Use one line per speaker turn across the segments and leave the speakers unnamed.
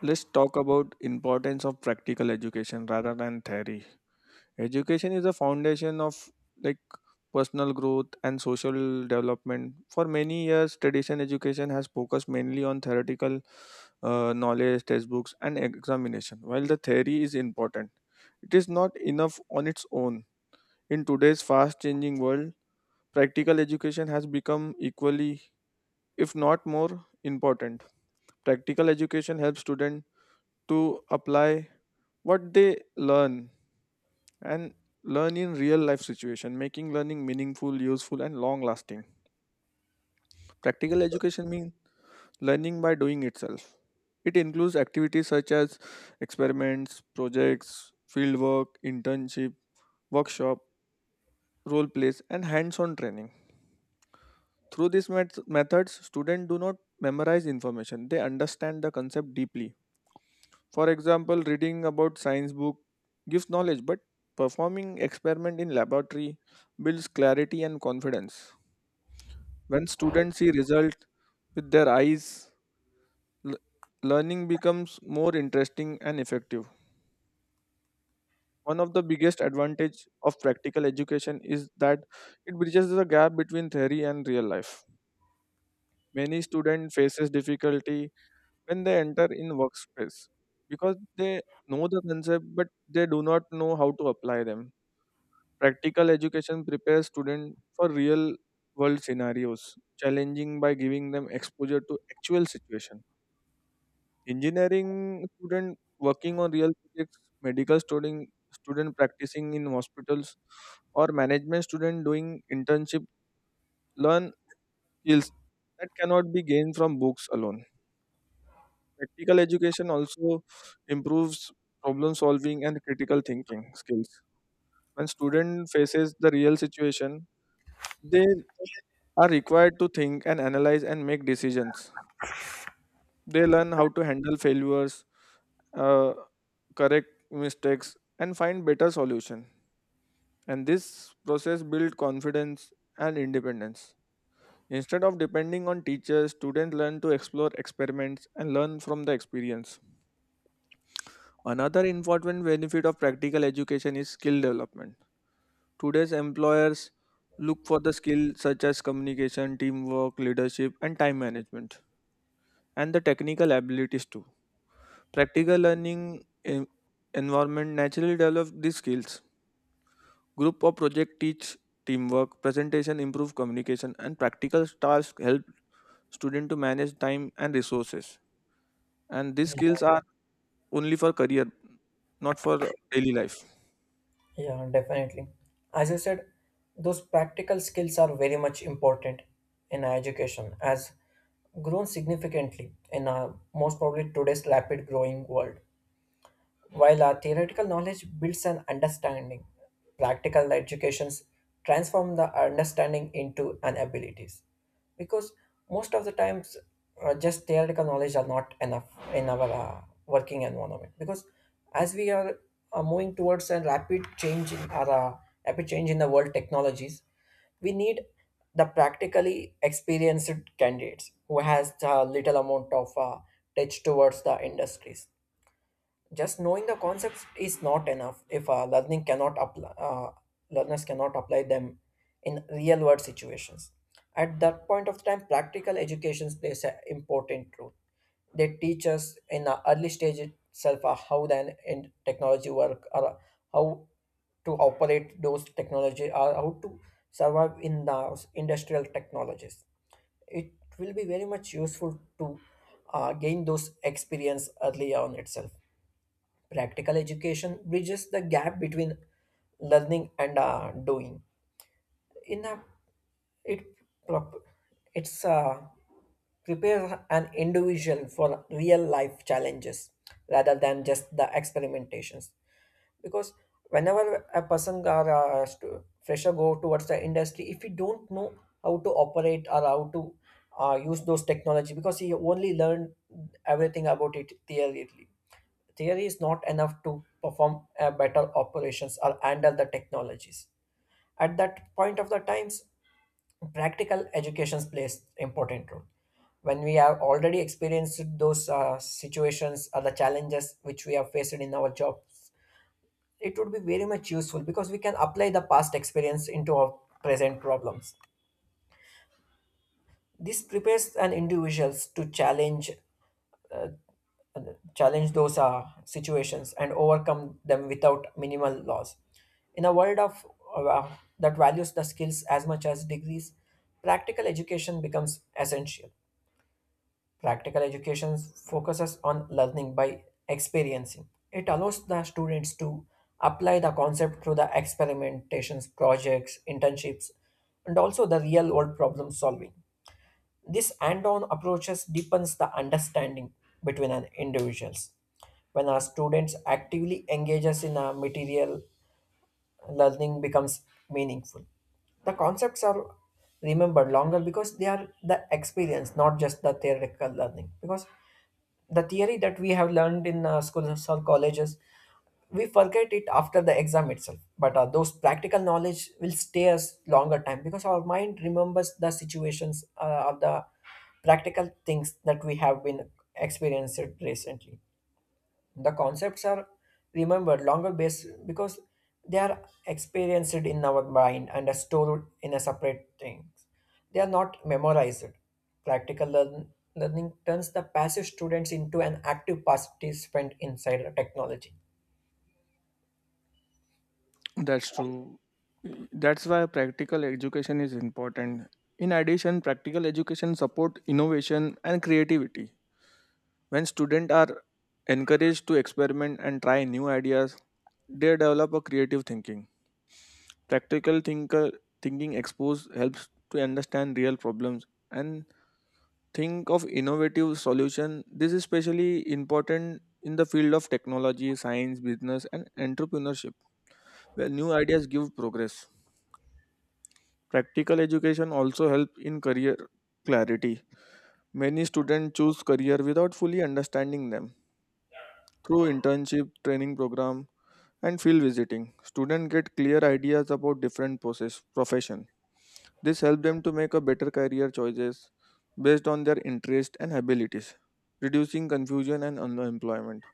Let's talk about importance of practical education rather than theory. Education is a foundation of like personal growth and social development. For many years, traditional education has focused mainly on theoretical knowledge, textbooks, and examination. While the theory is important, it is not enough on its own. In today's fast-changing world, practical education has become equally, if not more, important. Practical education helps students to apply what they learn and learn in real life situation, making learning meaningful, useful, and long lasting. Practical education means learning by doing itself. It includes activities such as experiments, projects, fieldwork, internship, workshop, role plays, and hands on training. Through these methods, students do not memorize information, they understand the concept deeply. For example, reading about science book gives knowledge, but performing experiment in laboratory builds clarity and confidence. When students see result with their eyes, l- learning becomes more interesting and effective. One of the biggest advantage of practical education is that it bridges the gap between theory and real life. Many students faces difficulty when they enter in workspace because they know the concept but they do not know how to apply them. Practical education prepares students for real world scenarios, challenging by giving them exposure to actual situation. Engineering student working on real projects, medical student practicing in hospitals, or management student doing internship learn skills that cannot be gained from books alone. Practical education also improves problem solving and critical thinking skills. When student faces the real situation, they are required to think and analyze and make decisions. They learn how to handle failures, uh, correct mistakes, and find better solution. And this process builds confidence and independence. Instead of depending on teachers, students learn to explore experiments and learn from the experience. Another important benefit of practical education is skill development. Today's employers look for the skills such as communication, teamwork, leadership, and time management, and the technical abilities too. Practical learning environment naturally develop these skills. Group or project teach teamwork, presentation improve communication, and practical tasks help student to manage time and resources. And these skills
Yeah,
are only for career, not for daily life.
yeah, definitely. As you said, those practical skills are very much important in our education, as grown significantly in our most probably today's rapid growing world. While our theoretical knowledge builds an understanding, practical educations transform the understanding into an abilities. Because most of the times, just theoretical knowledge are not enough in our working environment. Because as we are moving towards a rapid change in our rapid change in the world technologies, we need the practically experienced candidates who has a little amount of touch towards the industries. Just knowing the concepts is not enough if learning cannot apply learners cannot apply them in real world situations. At that point of time, practical education plays an important role. They teach us in the early stage itself how then in technology work, or how to operate those technology, or how to survive in the industrial technologies. It will be very much useful to gain those experience early on itself. Practical education bridges the gap between learning and doing. In a, it prop- it's prepares an individual for real life challenges rather than just the experimentations. Because whenever a person or a fresher go towards the industry, if he don't know how to operate or how to use those technology, because he only learned everything about it theoretically. Theory is not enough to perform better operations or handle the technologies. At that point of the times, practical education plays important role. When we have already experienced those situations or the challenges which we have faced in our job, it would be very much useful because we can apply the past experience into our present problems. This prepares an individuals to challenge those situations and overcome them without minimal loss. In a world of uh, uh, that values the skills as much as degrees, practical education becomes essential. Practical education focuses on learning by experiencing. It allows the students to apply the concept through the experimentations, projects, internships, and also the real world problem solving. This hand-on approaches deepens the understanding between an individuals. When our students actively engages in a material, learning becomes meaningful. The concepts are remembered longer because they are the experience, not just the theoretical learning. Because the theory that we have learned in schools or colleges, we forget it after the exam itself, but those practical knowledge will stay us longer time because our mind remembers the situations of the practical things that we have been experienced recently. The concepts are remembered longer base because they are experienced in our mind and are stored in a separate things. They are not memorized. Practical learning turns the passive students into an active participant inside the technology.
That's true. That's why practical education is important. In addition, practical education support innovation and creativity. When students are encouraged to experiment and try new ideas, they develop a creative thinking. Practical thinking expose helps to understand real problems and think of innovative solutions. This is especially important in the field of technology, science, business, and entrepreneurship, where new ideas give progress. Practical education also helps in career clarity. Many students choose career without fully understanding them. Through internship, training program, and field visiting, students get clear ideas about different process, profession. This helps them to make a better career choices based on their interest and abilities, reducing confusion and unemployment.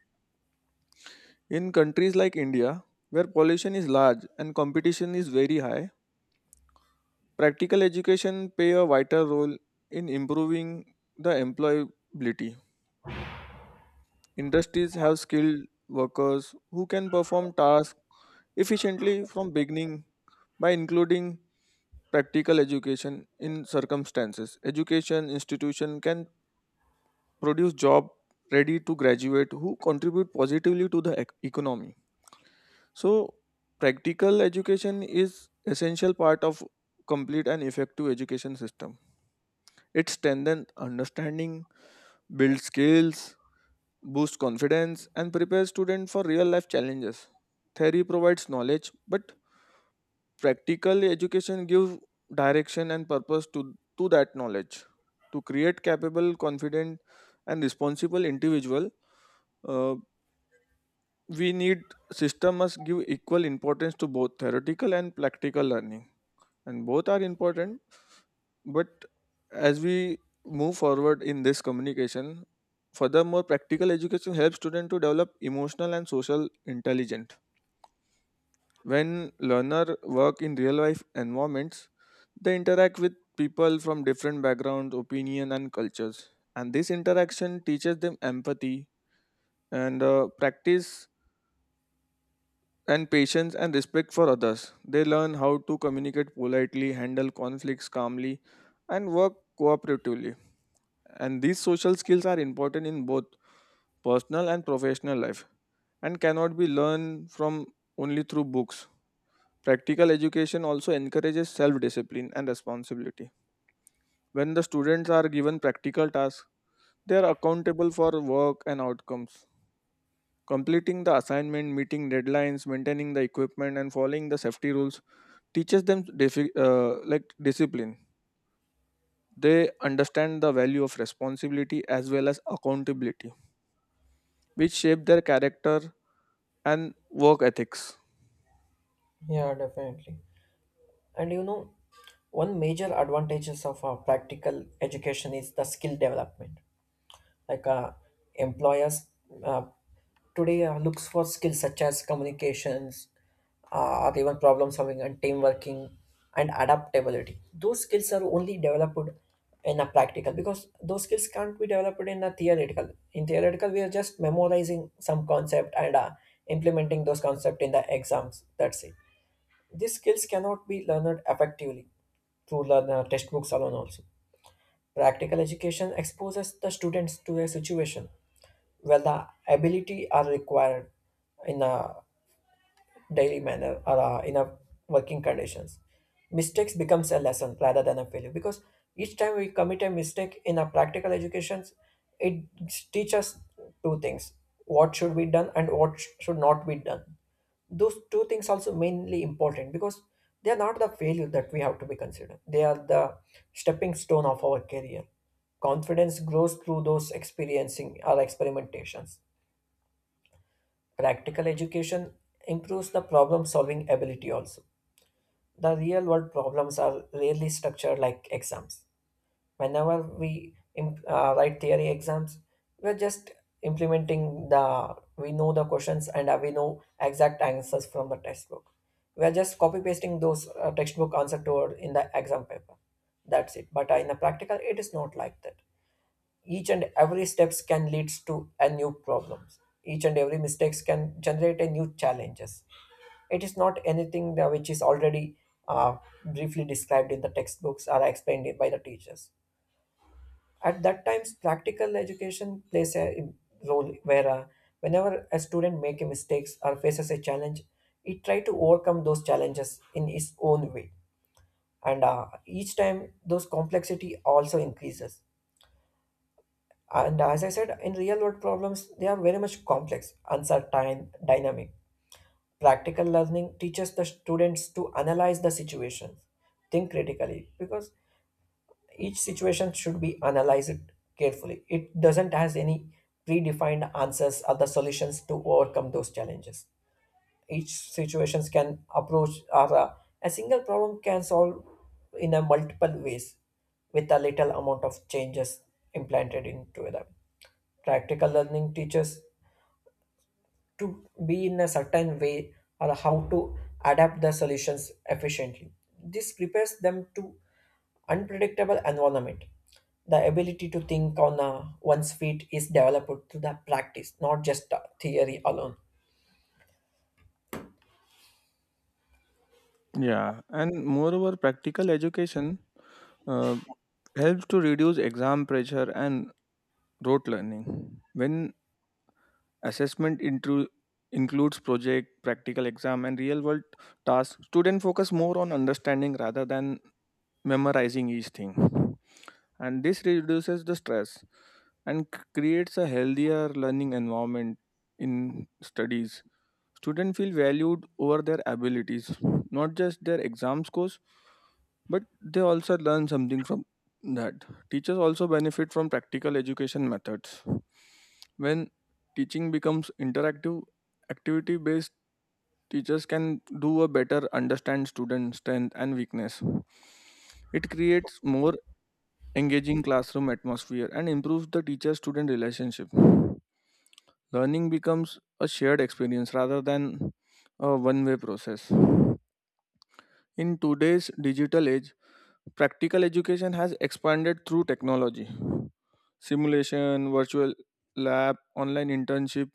In countries like India, where pollution is large and competition is very high, practical education play a vital role in improving the employability. Industries have skilled workers who can perform tasks efficiently from beginning. By including practical education in circumstances, education institution can produce job ready to graduate who contribute positively to the economy. So practical education is essential part of complete and effective education system. It strengthens understanding, builds skills, boosts confidence, and prepares students for real life challenges. Theory provides knowledge, but practical education gives direction and purpose to that knowledge. To create capable, confident, and responsible individual, uh, we need system must give equal importance to both theoretical and practical learning, and both are important. But as we move forward in this communication, furthermore, practical education helps students to develop emotional and social intelligence. When learner work in real life environments, they interact with people from different backgrounds, opinion, and cultures. And this interaction teaches them empathy and practice and patience and respect for others. They learn how to communicate politely, handle conflicts calmly, and work cooperatively. And these social skills are important in both personal and professional life and cannot be learned from only through books. Practical education also encourages self discipline and responsibility. When the students are given practical tasks, they are accountable for work and outcomes. Completing the assignment, meeting deadlines, maintaining the equipment, and following the safety rules teaches them like discipline. They understand the value of responsibility as well as accountability, which shape their character and work ethics.
Yeah, definitely. And one major advantages of a practical education is the skill development. Like employers uh, today looks for skills such as communications, or even problem solving and team working and adaptability. Those skills are only developed in a practical because those skills can't be developed in a theoretical. In theoretical, we are just memorizing some concept and implementing those concept in the exams. That's it. These skills cannot be learned effectively through textbooks alone also. Practical education exposes the students to a situation where the ability are required in a daily manner or in a working conditions. Mistakes becomes a lesson rather than a failure, because each time we commit a mistake in a practical education, it teaches us two things: what should be done and what should not be done. Those two things also mainly important because they are not the failure that we have to be considered, they are the stepping stone of our career. Confidence grows through those experiencing or experimentations. Practical education improves the problem solving ability also. The real world problems are rarely structured like exams. Whenever we write theory exams, we're just implementing the we know the questions and we know exact answers from the textbook. We're just copy pasting those textbook answer toward in the exam paper. That's it. But in the practical, it is not like that. Each and every steps can lead to a new problems. Each and every mistakes can generate a new challenges. It is not anything that which is already uh, briefly described in the textbooks or explained by the teachers. At that times, practical education plays a role, where whenever a student make a mistakes or faces a challenge, he try to overcome those challenges in his own way, and each time those complexity also increases. And as I said, in real world problems, they are very much complex, uncertain, dynamic. Practical learning teaches the students to analyze the situation, think critically, because each situation should be analyzed carefully. It doesn't has any predefined answers or the solutions to overcome those challenges. Each situations can approach or A single problem can solve in a multiple ways with a little amount of changes implanted into them. Practical learning teaches to be in a certain way or how to adapt the solutions efficiently. This prepares them to unpredictable environment. The ability to think on one's feet is developed through the practice, not just theory alone.
Yeah, and moreover, practical education uh, helps to reduce exam pressure and rote learning. When assessment includes project, practical exam, and real world tasks, students focus more on understanding rather than memorizing each thing. And this reduces the stress and creates a healthier learning environment in studies. Students feel valued over their abilities, not just their exam scores. But they also learn something from that. Teachers also benefit from practical education methods. When teaching becomes interactive, activity based, teachers can do a better understand student strength and weakness. It creates more engaging classroom atmosphere and improves the teacher student relationship. Learning becomes a shared experience rather than a one way process. In today's digital age, practical education has expanded through technology. Simulation, virtual lab, online internship,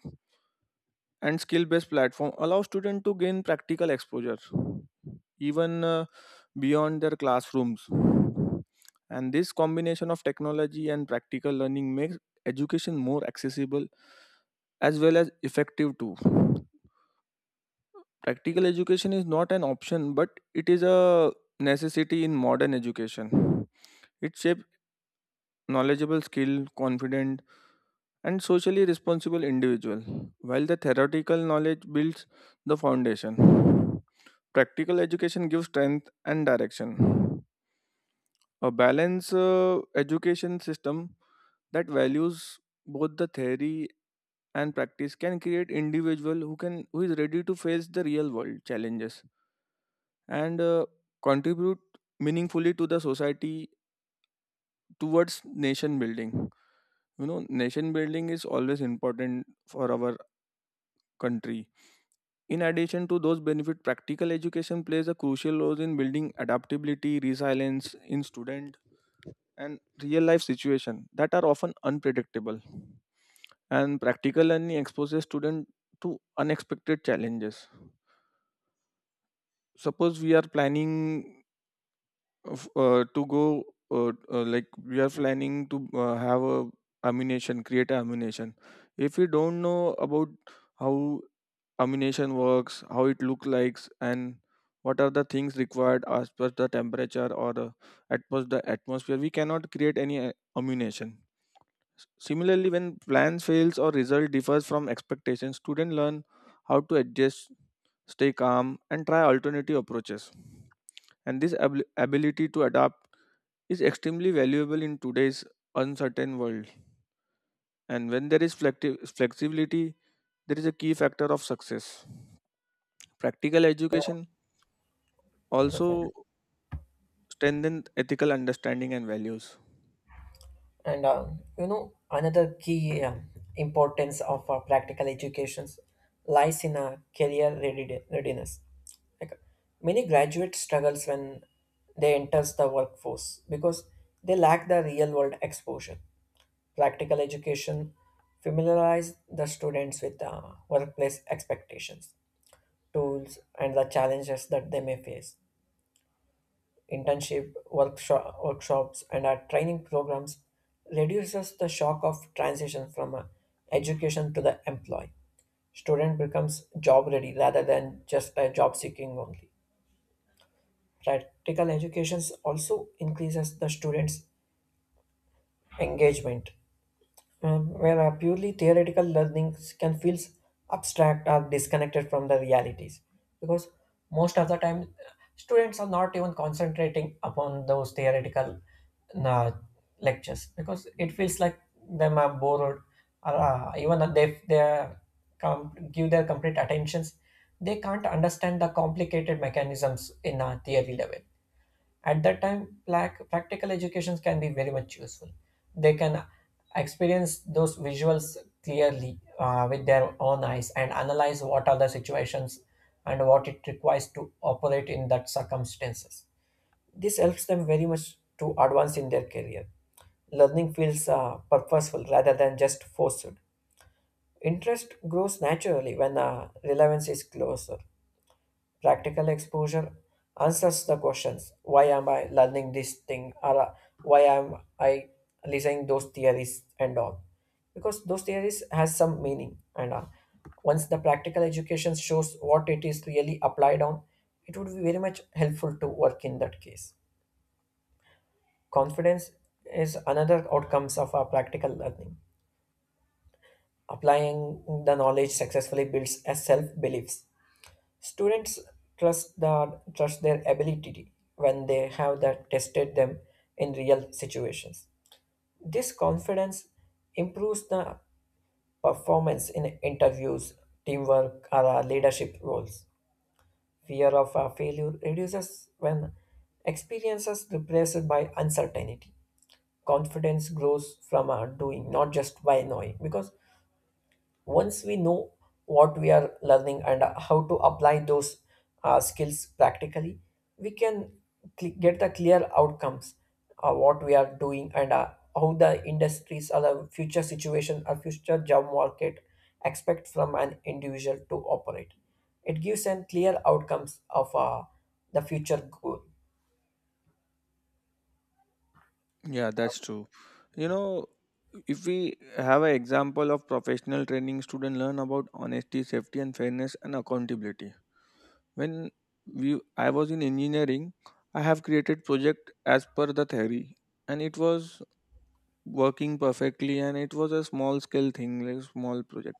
and skill based platform allow students to gain practical exposure even beyond their classrooms. And this combination of technology and practical learning makes education more accessible as well as effective too. Practical education is not an option, but it is a necessity in modern education. It shapes knowledgeable, skilled, confident, and socially responsible individual, while the theoretical knowledge builds the foundation. Practical education gives strength and direction. A balanced education system that values both the theory and practice can create individual who is ready to face the real world challenges and contribute meaningfully to the society towards nation building. You know, nation building is always important for our country. In addition to those benefits, practical education plays a crucial role in building adaptability resilience in student and real life situation that are often unpredictable, and practical learning exposes student to unexpected challenges. Suppose we are planning of, to go like we are planning to have a ammunition, create a ammunition. If we don't know about how ammunition works, how it look likes, and what are the things required as per the temperature or at per the atmosphere, we cannot create any ammunition. Similarly, when plans fails or result differs from expectations, student learn how to adjust, stay calm, and try alternative approaches. And this ability to adapt is extremely valuable in today's uncertain world. And when there is flexibility, there is a key factor of success. Practical education
Definitely.
also strengthens ethical understanding and values.
And another key importance of practical educations lies in a career readiness. Like many graduates struggles when they enters the workforce because they lack the real world exposure. Practical education familiarize the students with workplace expectations, tools, and the challenges that they may face. Internship, workshops, and our training programs reduces the shock of transition from education to the employee. Student becomes job ready rather than just a job seeking only. Practical education also increases the students' engagement, where purely theoretical learnings can feel abstract or disconnected from the realities, because most of the time students are not even concentrating upon those theoretical uh, lectures because it feels like them are bored, or even if they are give their complete attentions, they can't understand the complicated mechanisms in a theory level. At that time, practical educations can be very much useful. They can experience those visuals clearly with their own eyes and analyze what are the situations and what it requires to operate in that circumstances. This helps them very much to advance in their career. Learning feels purposeful rather than just forced. Interest grows naturally when relevance is closer. Practical exposure answers the questions: why am I learning this thing, or why am I listening those theories and all? Because those theories has some meaning, and once the practical education shows what it is really applied on, it would be very much helpful to work in that case. Confidence is another outcomes of our practical learning. Applying the knowledge successfully builds a self belief. Students trust their ability when they have that tested them in real situations. This confidence improves the performance in interviews, teamwork, or leadership roles. Fear of failure reduces when experiences replaced by uncertainty. Confidence grows from doing, not just by knowing. Because once we know what we are learning and how to apply those skills practically, we can get the clear outcomes what we are doing, and how the industries or the future situation or future job market expect from an individual to operate. It gives an clear outcomes of the future goal.
Yeah, that's true. You know, if we have an example of professional training, student learn about honesty, safety, and fairness and accountability. When I was in engineering, I have created project as per the theory, and it was working perfectly and it was a small scale thing, like small project.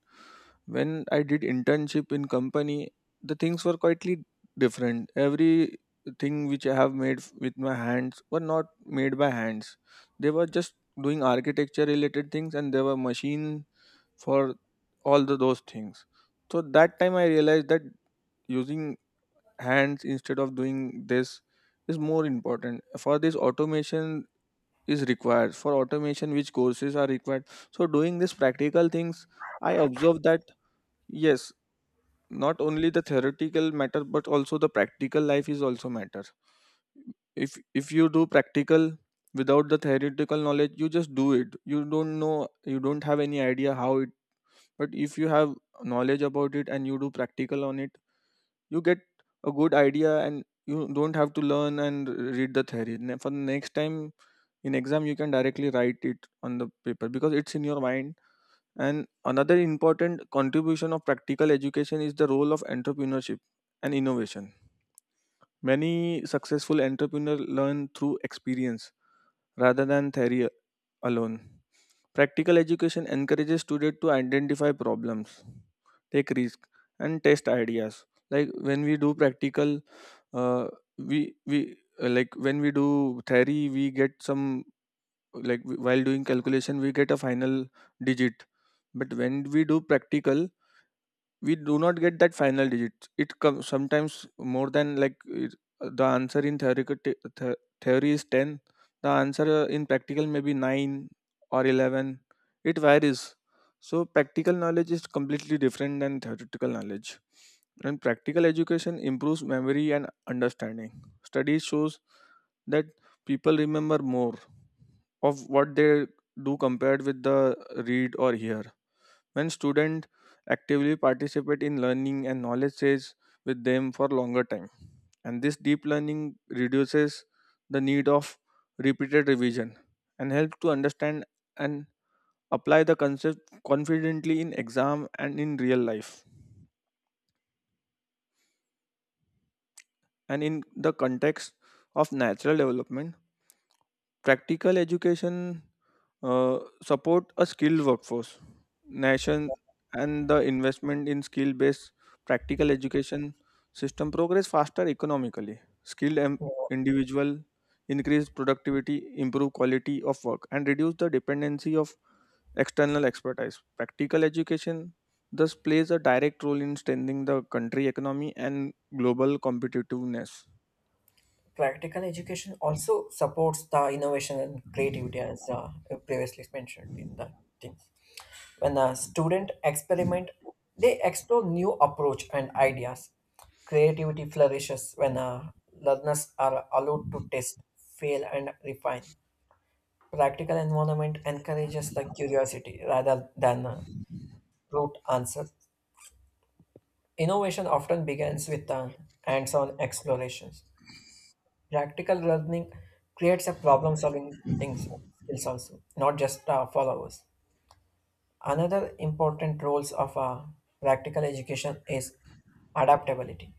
When I did internship in company, the things were quietly different. Every thing which I have with my hands were not made by hands. They were just doing architecture related things, and there were machine for all the those things. So that time I realized that using hands instead of doing this is more important. For this automation is required, for automation which courses are required. So doing these practical things, I observe that yes, not only the theoretical matter but also the practical life is also matter. If you do practical without the theoretical knowledge, you just do it, you don't know, you don't have any idea how it. But if you have knowledge about it and you do practical on it, you get a good idea and you don't have to learn and read the theory for the next time. In exam you can directly write it on the paper because it's in your mind. And another important contribution of practical education is the role of entrepreneurship and innovation. Many successful entrepreneurs learn through experience rather than theory alone. Practical education encourages students to identify problems, take risk, and test ideas. Like when we do practical, uh, we like when we do theory we get some, like, while doing calculation we get a final digit. But when we do practical, we do not get that final digit. It comes sometimes more than, like it, the answer in theoretical, the theory is 10, the answer in practical may be 9 or 11. It varies. So practical knowledge is completely different than theoretical knowledge. And practical education improves memory and understanding. Studies shows that people remember more of what they do compared with the read or hear. When students actively participate in learning, and knowledge stays with them for longer time. And this deep learning reduces the need of repeated revision and helps to understand and apply the concept confidently in exam and in real life and in the context of natural development. Practical education uh, support a skilled workforce. Nation and the investment in skill-based practical education system progress faster economically. Individual increase productivity, improve quality of work, and reduce the dependency of external expertise. Practical education thus plays a direct role in strengthening the country economy and global competitiveness.
Practical education also supports the innovation and creativity, as previously mentioned in the things. When a student experiment, they explore new approach and ideas. Creativity flourishes when learners are allowed to test, fail, and refine. Practical environment encourages the curiosity rather than rote answers. Innovation often begins with hands-on explorations. Practical learning creates a problem solving things skills also, not just followers. Another important roles of practical education is adaptability.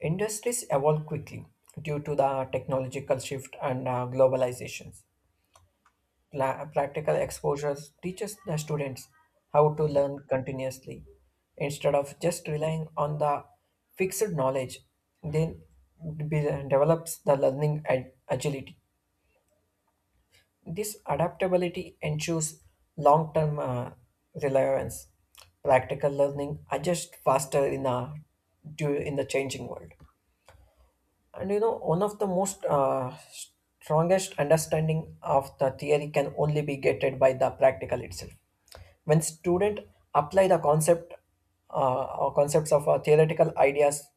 Industries evolve quickly due to the technological shift and globalizations. Practical exposures teaches the students how to learn continuously instead of just relying on the fixed knowledge. Then develops the learning agility. This adaptability ensures long term relevance. Practical learning adjusts faster in the changing world. And one of the most strongest understanding of the theory can only be gated by the practical itself. When students apply the concept or concepts of theoretical ideas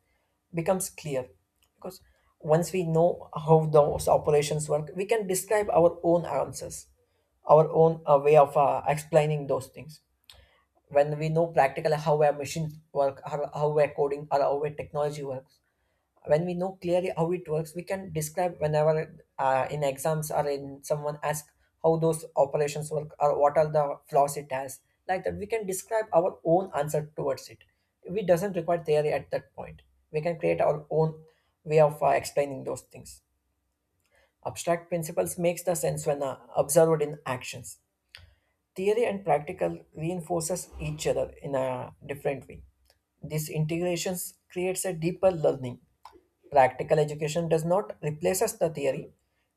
becomes clear, because once we know how those operations work, we can describe our own answers, our own way of explaining those things. When we know practically how a machine work, how a coding or how a technology works. When we know clearly how it works, we can describe whenever in exams or in someone asks how those operations work or what are the flaws it has. Like that, we can describe our own answer towards it. We doesn't require theory at that point. We can create our own way of explaining those things. Abstract principles makes the sense when observed in actions. Theory and practical reinforces each other in a different way. These integrations creates a deeper learning. Practical education does not replaces the theory;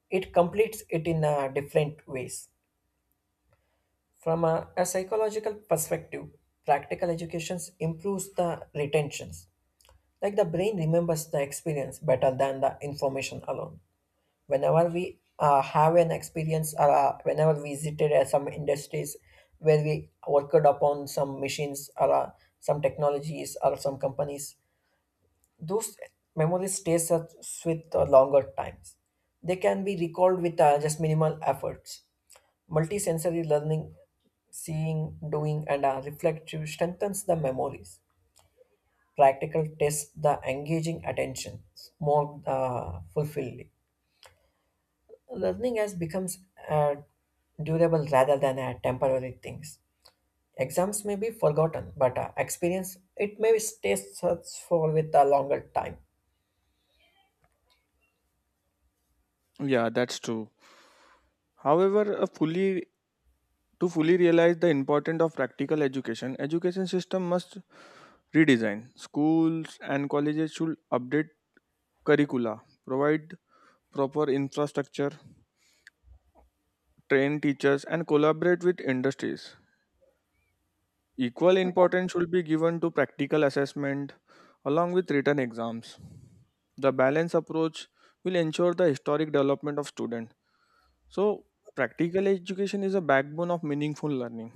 it completes it in different ways. From a psychological perspective, practical education improves the retentions. Like the brain remembers the experience better than the information alone. Whenever we have an experience, or whenever we visited some industries where we worked upon some machines, or some technologies or some companies, those memories stays us with longer times. They can be recalled with just minimal efforts. Multisensory learning, seeing, doing, and reflective strengthens the memories. Practical tests the engaging attention more fulfilling. Learning has becomes uh, durable rather than a temporary things. Exams may be forgotten, but experience it may stay such for with a longer time.
Yeah, that's true. However, a fully to fully realize the importance of practical education, education system must redesign. Schools and colleges should update curricula, provide proper infrastructure, train teachers, and collaborate with industries. Equal importance should be given to practical assessment along with written exams. The balanced approach will ensure the historic development of students. So, practical education is a backbone of meaningful learning.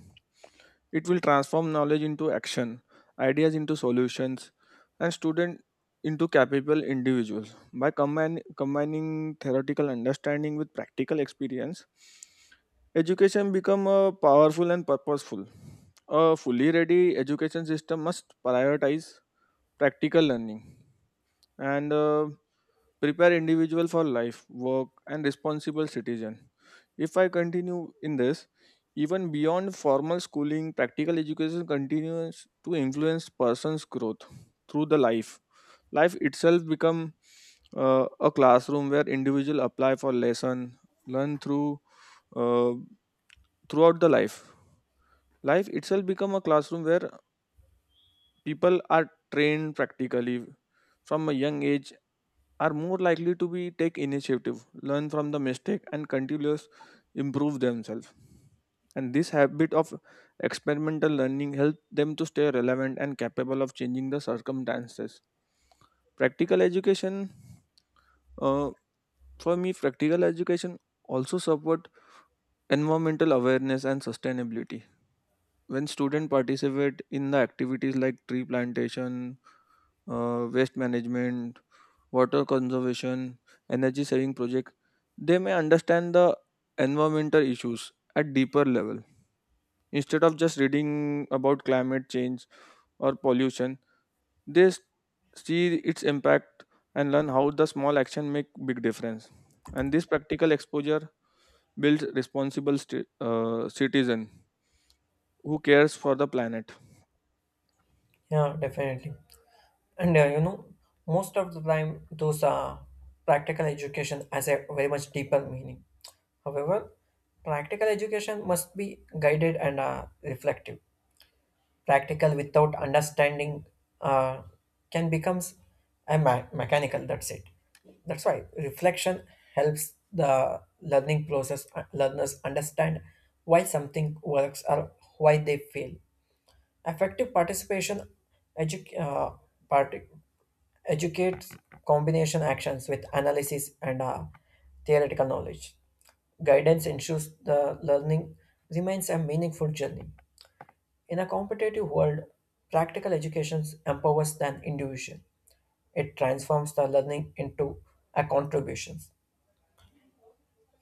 It will transform knowledge into action, ideas into solutions, and students into capable individuals. By combining theoretical understanding with practical experience, education become powerful and purposeful. A fully ready education system must prioritize practical learning and prepare individual for life, work, and responsible citizen. If I continue in this, even beyond formal schooling, practical education continues to influence person's growth through the life. Life itself become a classroom where individual apply for lesson, learn through uh, throughout the life. Life itself become a classroom where people are trained practically from a young age, are more likely to be take initiative, learn from the mistake, and continuous improve themselves. And this habit of experimental learning helps them to stay relevant and capable of changing the circumstances. Practical education, uh, for me, practical education also support environmental awareness and sustainability. When students participate in the activities like tree plantation, waste management, water conservation, energy saving project, they may understand the environmental issues at deeper level. Instead of just reading about climate change or pollution, they see its impact and learn how the small action make big difference. And this practical exposure builds responsible citizen who cares for the planet.
Yeah, definitely. And most of the time, those practical education has a very much deeper meaning. However, practical education must be guided and reflective. Practical without understanding uh, can becomes a mechanical. That's it. That's why reflection helps the learning process. Learners understand why something works or why they fail. Effective participation, edu- uh, part- educates combination actions with analysis and theoretical knowledge. Guidance ensures the learning remains a meaningful journey. In a competitive world, practical education empowers an individual. It transforms the learning into a contribution.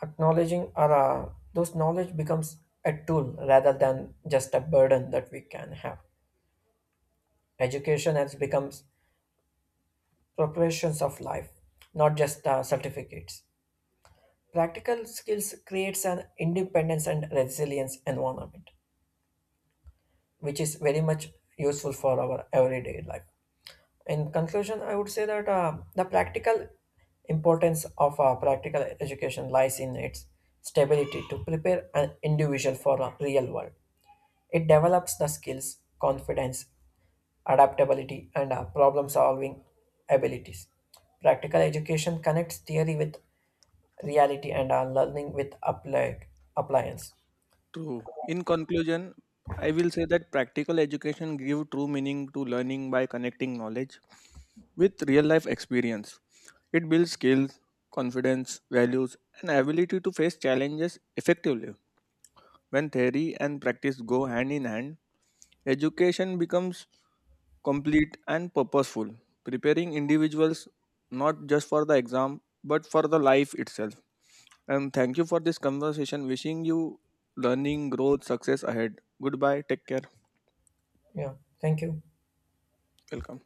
Acknowledging those knowledge becomes a tool rather than just a burden that we can have. Education has becomes preparations of life, not just certificates. Practical skills creates an independence and resilience environment, which is very much useful for our everyday life. In conclusion, I would say that the practical importance of practical education lies in its stability to prepare an individual for a real world. It develops the skills, confidence, adaptability, and problem solving abilities. Practical education connects theory with reality, and our learning with apply appliance.
True. In conclusion, I will say that practical education gives true meaning to learning by connecting knowledge with real life experience. It builds skills, confidence, values, and ability to face challenges effectively. When theory and practice go hand in hand, education becomes complete and purposeful, preparing individuals not just for the exam but for the life itself. And thank you for this conversation. Wishing you learning, growth, success ahead. Goodbye. Take care.
Yeah, thank you.
Welcome.